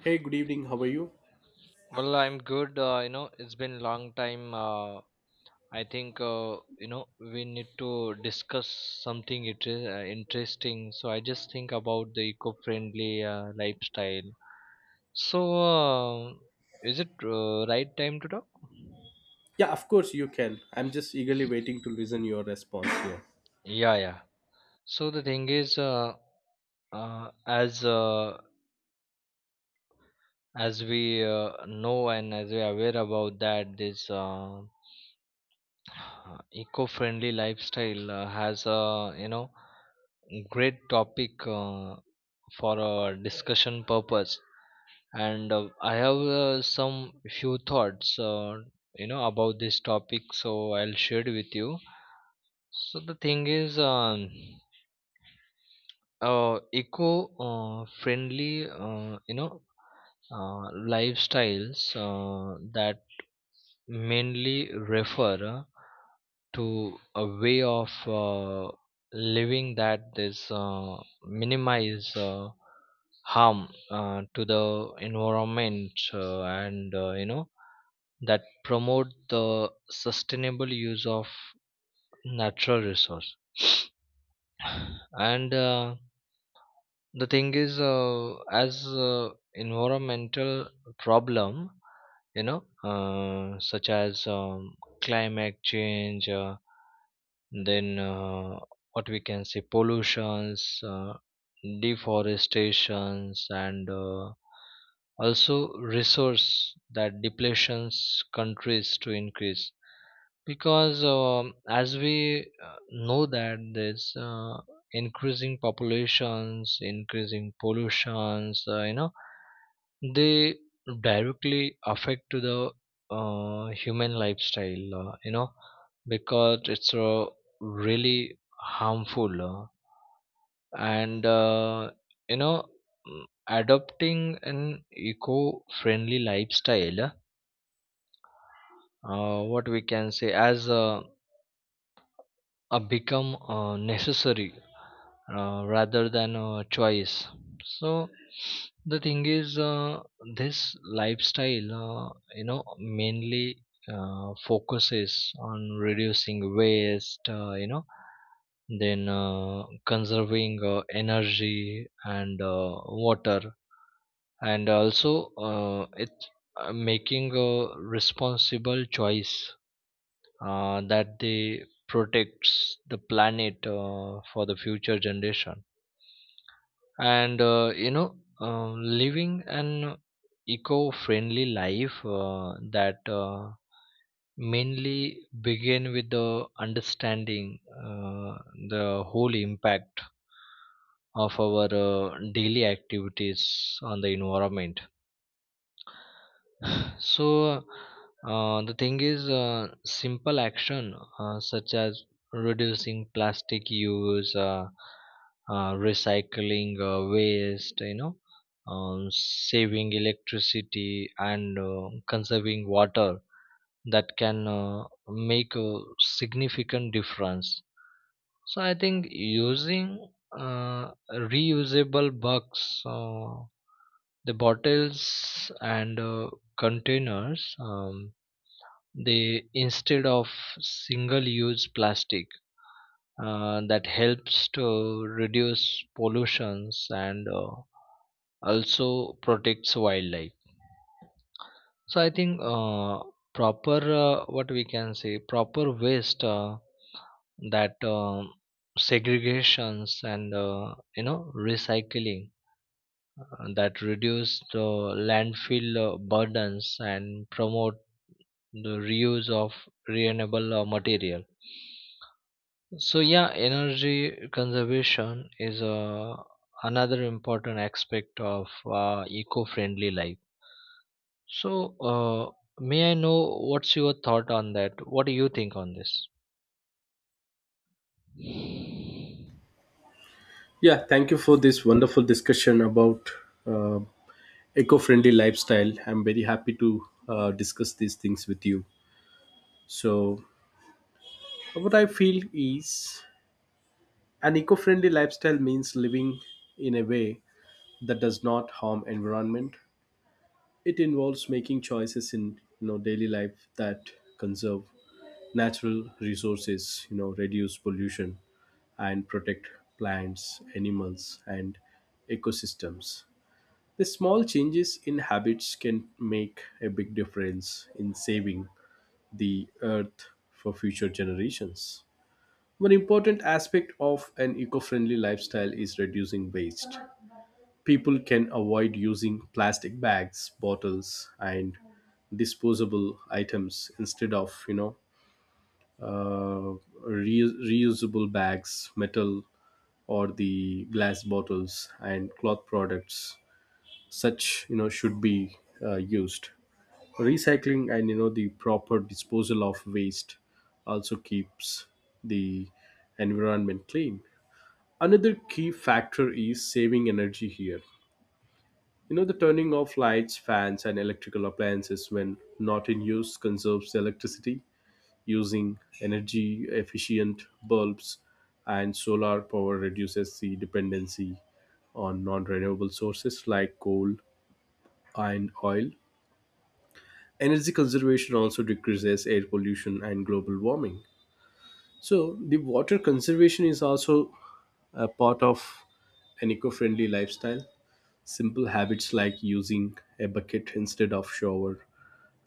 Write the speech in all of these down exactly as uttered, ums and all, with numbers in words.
Hey, good evening. How are you? Well, I'm good. Uh, you know, it's been long time. Uh, I think uh, you know we need to discuss something it is uh, interesting. So I just think about the eco-friendly uh, lifestyle. So uh, is it uh, right time to talk? Yeah, of course you can. I'm just eagerly waiting to listen your response here. Yeah, yeah. So the thing is, uh, uh, as uh, as we uh, know and as we are aware about that, this uh, Uh, eco-friendly lifestyle uh, has a you know great topic uh, for a discussion purpose and uh, I have uh, some few thoughts uh, you know about this topic, so I'll share it with you. So the thing is um, uh, eco uh, friendly uh, you know uh, lifestyles uh, that mainly refer uh, to a way of uh, living that this uh, minimize uh, harm uh, to the environment uh, and uh, you know that promote the sustainable use of natural resource. And uh, the thing is uh, as uh, environmental problem, you know, uh, such as um, climate change, uh, then uh, what we can say, pollutions, uh, deforestations, and uh, also resource that depletions countries to increase because um, as we uh, know that there's uh, increasing populations, increasing pollutions, uh, you know they directly affect to the uh, human lifestyle, uh, you know because it's uh, really harmful, uh, and uh, you know mm, adopting an eco-friendly lifestyle, uh, what we can say, as uh, uh, become uh, necessary uh, rather than a choice. So the thing is uh, this lifestyle uh, you know mainly uh, focuses on reducing waste, uh, you know then uh, conserving uh, energy and uh, water, and also uh, it's uh, making a responsible choice uh, that they protects the planet uh, for the future generation. And uh, you know uh, living an eco-friendly life uh, that uh, mainly begin with the understanding uh, the whole impact of our uh, daily activities on the environment. So, uh, the thing is, uh, simple action uh, such as reducing plastic use, uh, uh, recycling uh, waste, you know, um, saving electricity and uh, conserving water, that can uh, make a significant difference. So, I think using uh, reusable bucks. Uh, the bottles and uh, containers, um, they, instead of single use plastic, uh, that helps to reduce pollutions and uh, also protects wildlife. So I think uh, proper, uh, what we can say, proper waste uh, that um, segregations and uh, you know recycling uh, that reduce the landfill uh, burdens and promote the reuse of renewable uh, material. So yeah, energy conservation is uh, another important aspect of uh, eco-friendly life. So uh, may I know what's your thought on that? What do you think on this? Yeah, thank you for this wonderful discussion about uh, eco-friendly lifestyle. I'm very happy to uh, discuss these things with you. So, what I feel is an eco-friendly lifestyle means living in a way that does not harm environment. It involves making choices in you know daily life that conserve natural resources, you know, reduce pollution and protect plants, animals, and ecosystems. The small changes in habits can make a big difference in saving the earth for future generations. One important aspect of an eco-friendly lifestyle is reducing waste. People can avoid using plastic bags, bottles, and disposable items. Instead of you know uh, reu- reusable bags, metal or the glass bottles, and cloth products. Such you know should be uh, used. Recycling and you know the proper disposal of waste also keeps the environment clean. Another key factor is saving energy here. You know, the turning off lights, fans, and electrical appliances when not in use conserves electricity. Using energy efficient bulbs and solar power reduces the dependency on non renewable sources like coal and oil. Energy conservation also decreases air pollution and global warming. So, the water conservation is also a part of an eco friendly lifestyle. Simple habits like using a bucket instead of shower,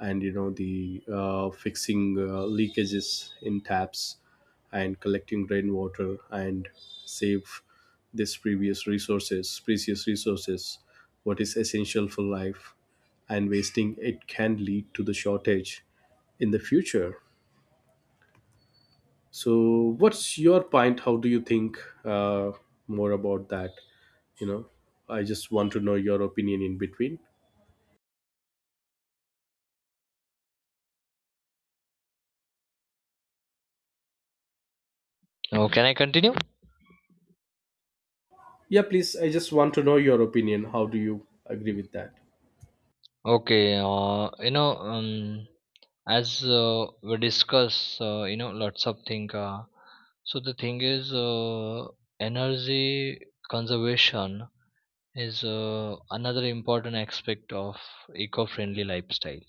and you know the uh, fixing uh, leakages in taps and collecting rainwater and save this previous resources precious resources, what is essential for life, and wasting it can lead to the shortage in the future. So, what's your point? How do you think uh, more about that, you know? I just want to know your opinion in between. Oh, can I continue? Yeah, please. I just want to know your opinion. How do you agree with that? Okay, uh, you know um, as uh, we discuss, uh, you know lots of thing, uh, so the thing is uh, energy conservation is uh, another important aspect of eco-friendly lifestyle.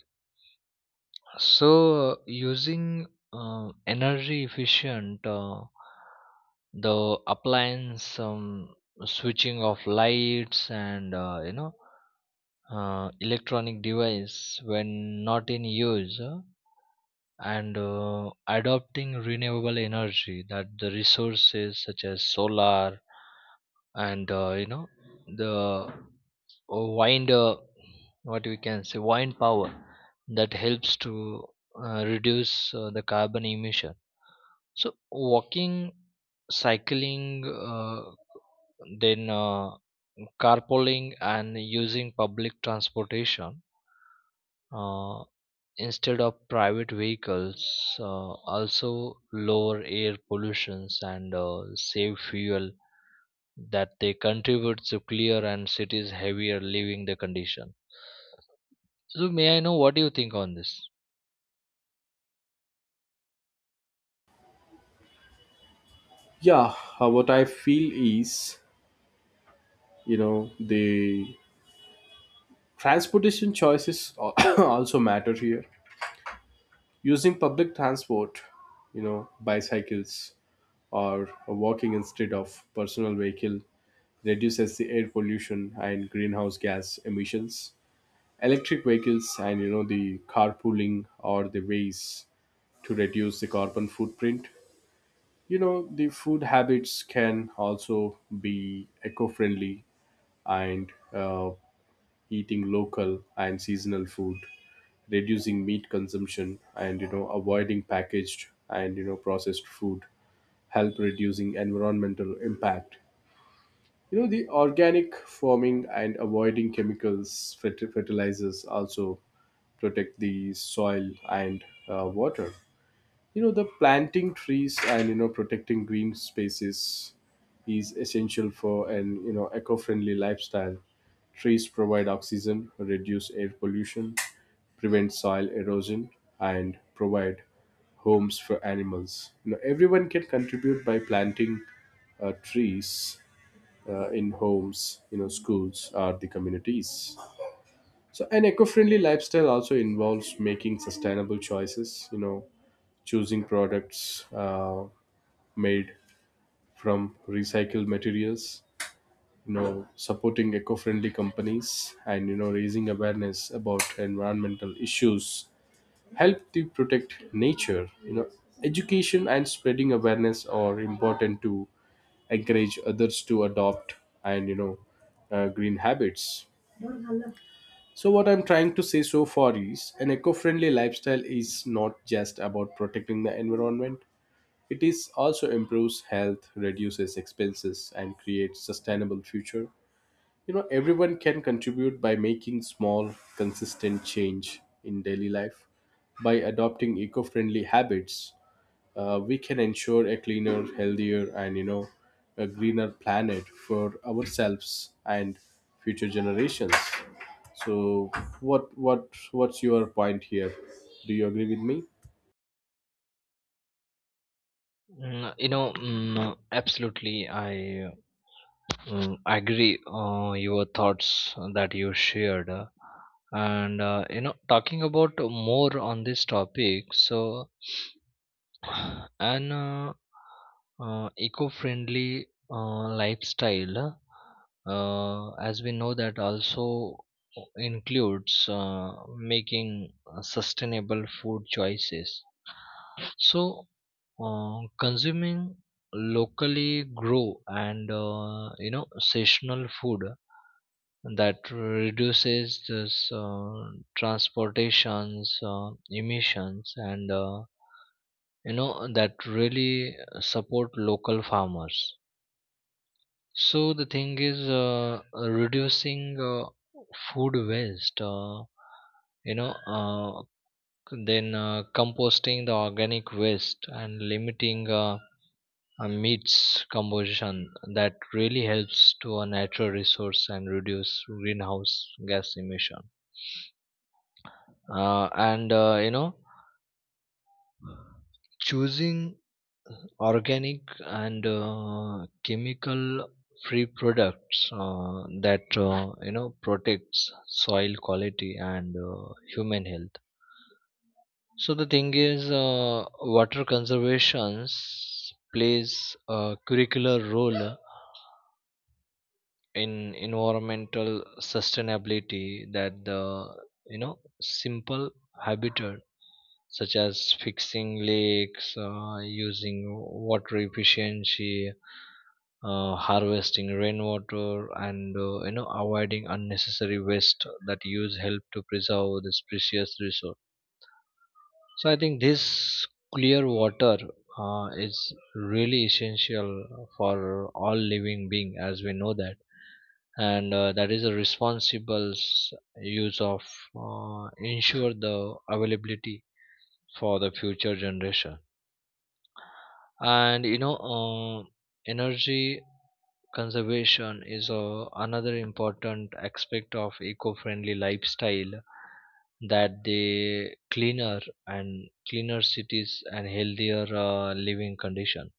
So using uh, energy efficient uh, the appliance, um, switching off lights and uh, you know uh, electronic device when not in use, uh, and uh, adopting renewable energy that the resources such as solar and uh, you know the uh, wind, uh, what we can say, wind power, that helps to uh, reduce uh, the carbon emission. So walking, cycling, uh, then uh, carpooling, and using public transportation uh, instead of private vehicles uh, also lower air pollutions and uh, save fuel, that they contribute to clear and cities heavier living the condition. So may I know what do you think on this? Yeah, uh, what I feel is, you know, the transportation choices al- also matter here. Using public transport, you know, bicycles or walking instead of personal vehicle reduces the air pollution and greenhouse gas emissions. Electric vehicles and, you know, the carpooling or the ways to reduce the carbon footprint. You know, the food habits can also be eco friendly, and uh, eating local and seasonal food, reducing meat consumption, and you know avoiding packaged and you know processed food help reducing environmental impact. You know the organic farming and avoiding chemicals, ferti- fertilizers also protect the soil and uh, water. You know the planting trees and you know protecting green spaces is essential for an you know eco-friendly lifestyle. Trees provide oxygen, reduce air pollution, prevent soil erosion, and provide homes for animals. You know, everyone can contribute by planting uh, trees uh, in homes, you know, schools or the communities. So an eco-friendly lifestyle also involves making sustainable choices, you know, choosing products uh, made from recycled materials, you know, supporting eco-friendly companies, and you know raising awareness about environmental issues help to protect nature. You know, education and spreading awareness are important to encourage others to adopt and you know uh, green habits. So what I'm trying to say so far is an eco-friendly lifestyle is not just about protecting the environment. It is also improves health, reduces expenses, and creates sustainable future. You know, everyone can contribute by making small, consistent change in daily life. By adopting eco-friendly habits, uh, we can ensure a cleaner, healthier, and you know, a greener planet for ourselves and future generations. So, what what what's your point here? Do you agree with me? Mm, you know, mm, absolutely. I mm, agree uh, your thoughts that you shared, uh, and uh, you know, talking about more on this topic. So, an uh, uh, eco-friendly uh, lifestyle, uh, as we know that, also includes uh, making uh, sustainable food choices. So, uh, consuming locally grow and uh, you know seasonal food that reduces this uh, transportations uh, emissions and uh, you know that really support local farmers. So the thing is uh, reducing uh, food waste, uh, you know uh, then uh, composting the organic waste and limiting uh, uh, meets composition that really helps to a natural resource and reduce greenhouse gas emission. Uh, and uh, you know choosing organic and uh, chemical free products uh, that uh, you know protects soil quality and uh, human health. So the thing is uh, water conservations plays a curricular role in environmental sustainability, that the, you know, simple habitat such as fixing lakes, uh, using water efficiency, uh, harvesting rainwater, and uh, you know avoiding unnecessary waste that use help to preserve this precious resource. So I think this clear water uh, is really essential for all living being, as we know that, and uh, that is a responsible s- use of uh, ensure the availability for the future generation. And you know uh, energy conservation is uh, another important aspect of eco-friendly lifestyle, that the cleaner and cleaner cities and healthier uh, living condition.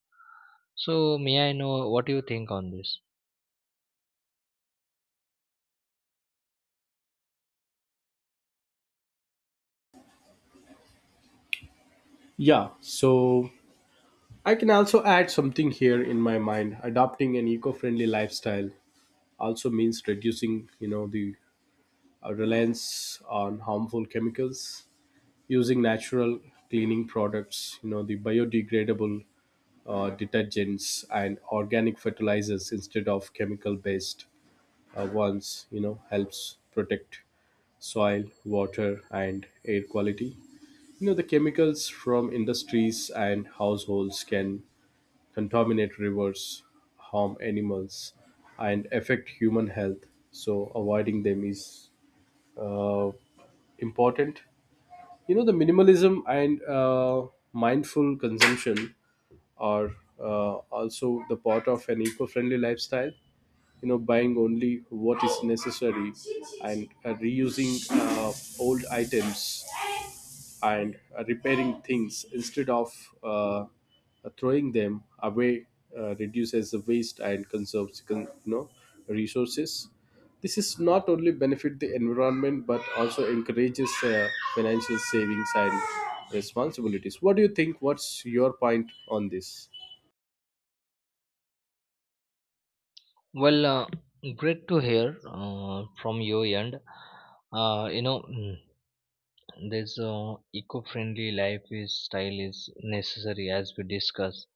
So may I know what you think on this? Yeah, so I can also add something here in my mind. Adopting an eco-friendly lifestyle also means reducing, you know, the uh, reliance on harmful chemicals, using natural cleaning products, you know, the biodegradable uh, detergents and organic fertilizers instead of chemical-based uh, ones, you know, helps protect soil, water, and air quality. You know, the chemicals from industries and households can contaminate rivers, harm animals, and affect human health. So avoiding them is uh, important. You know, the minimalism and uh, mindful consumption are uh, also the part of an eco-friendly lifestyle. You know, buying only what is necessary and uh, reusing uh, old items and uh, repairing things instead of uh, throwing them away uh, reduces the waste and conserves con- you know resources. This is not only benefit the environment but also encourages uh, financial savings and responsibilities. What do you think? What's your point on this? Well, uh, great to hear uh, from your end. uh, you know mm, this uh, eco-friendly lifestyle is necessary, as we discussed,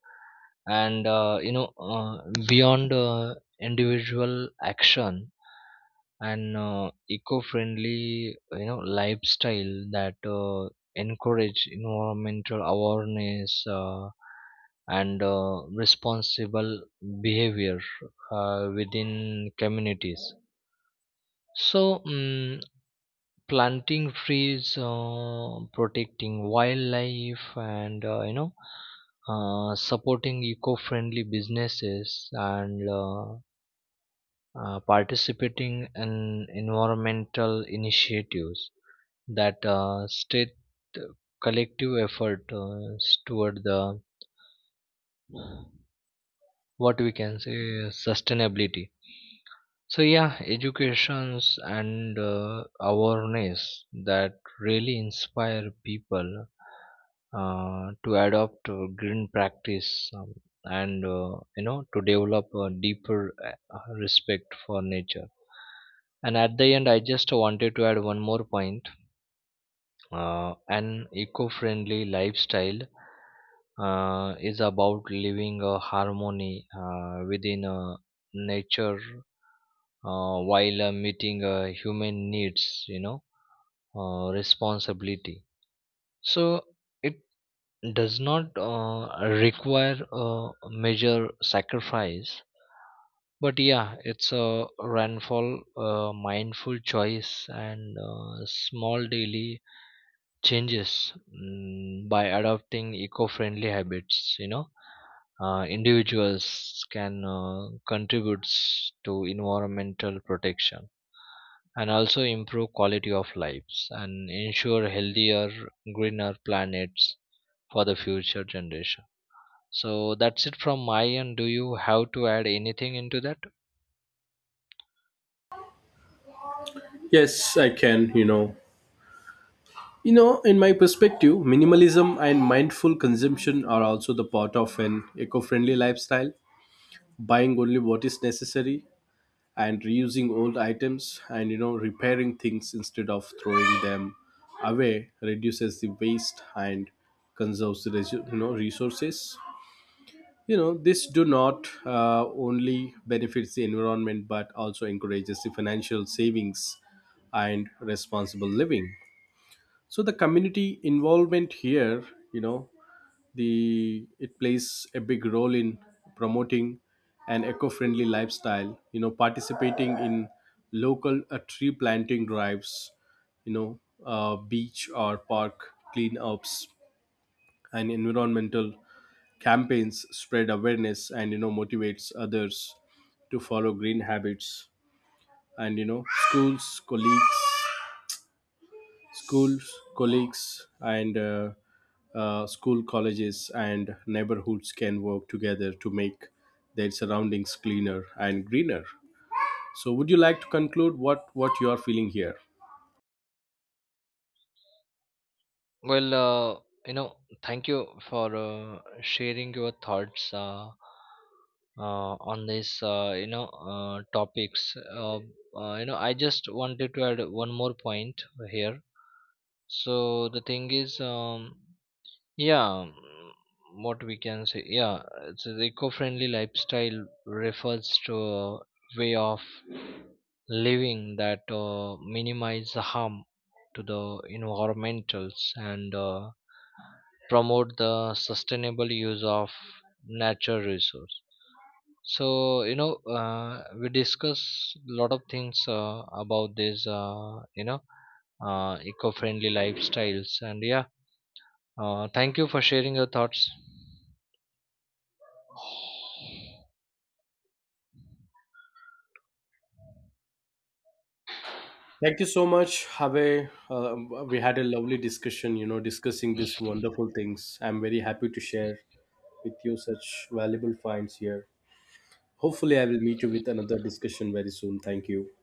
and uh, you know, uh, beyond uh, individual action, an uh, eco-friendly, you know lifestyle that uh, encourage environmental awareness uh, and uh, responsible behavior uh, within communities. So mm, planting trees, uh, protecting wildlife, and uh, you know, uh, supporting eco-friendly businesses, and uh, uh, participating in environmental initiatives that uh, state collective effort uh, toward the, what we can say, sustainability. So yeah, educations and uh, awareness that really inspire people uh, to adopt uh, green practice, um, and uh, you know to develop a deeper uh, uh, respect for nature. And at the end, I just wanted to add one more point. Uh, an eco-friendly lifestyle uh, is about living a harmony uh, within a nature uh, while uh, meeting uh, human needs, you know uh, responsibility. So it does not uh, require a major sacrifice, but yeah, it's a rainfall, uh, mindful choice and uh, small daily changes. Mm, by adopting eco-friendly habits, you know uh, individuals can uh, contribute to environmental protection, and also improve quality of lives and ensure healthier, greener planets for the future generation. So that's it from my end. Do you have to add anything into that? Yes, I can, you know. You know, in my perspective, minimalism and mindful consumption are also the part of an eco friendly lifestyle. Buying only what is necessary and reusing old items and you know repairing things instead of throwing them away reduces the waste and conserves the resu- you know resources. You know this do not uh, only benefits the environment but also encourages the financial savings and responsible living. So the community involvement here, you know, the it plays a big role in promoting an eco-friendly lifestyle. You know, participating in local uh, tree planting drives, you know, uh, beach or park cleanups and environmental campaigns spread awareness and you know motivates others to follow green habits. And you know, schools colleagues schools, colleagues, and uh, uh, school colleges and neighborhoods can work together to make their surroundings cleaner and greener. So, would you like to conclude what what you are feeling here? Well, uh, you know thank you for uh, sharing your thoughts uh, uh, on this, uh, you know uh, topics, uh, uh, you know I just wanted to add one more point here. So the thing is um, yeah, mm, what we can say, yeah, it's an eco-friendly lifestyle refers to a way of living that uh, minimize the harm to the environmentals and uh, promote the sustainable use of natural resource. So, you know, uh, we discuss a lot of things uh, about this, uh, you know, uh, eco-friendly lifestyles, and yeah, uh, thank you for sharing your thoughts. Thank you so much, Have. Uh, we had a lovely discussion. You know, discussing these wonderful things. I'm very happy to share with you such valuable finds here. Hopefully, I will meet you with another discussion very soon. Thank you.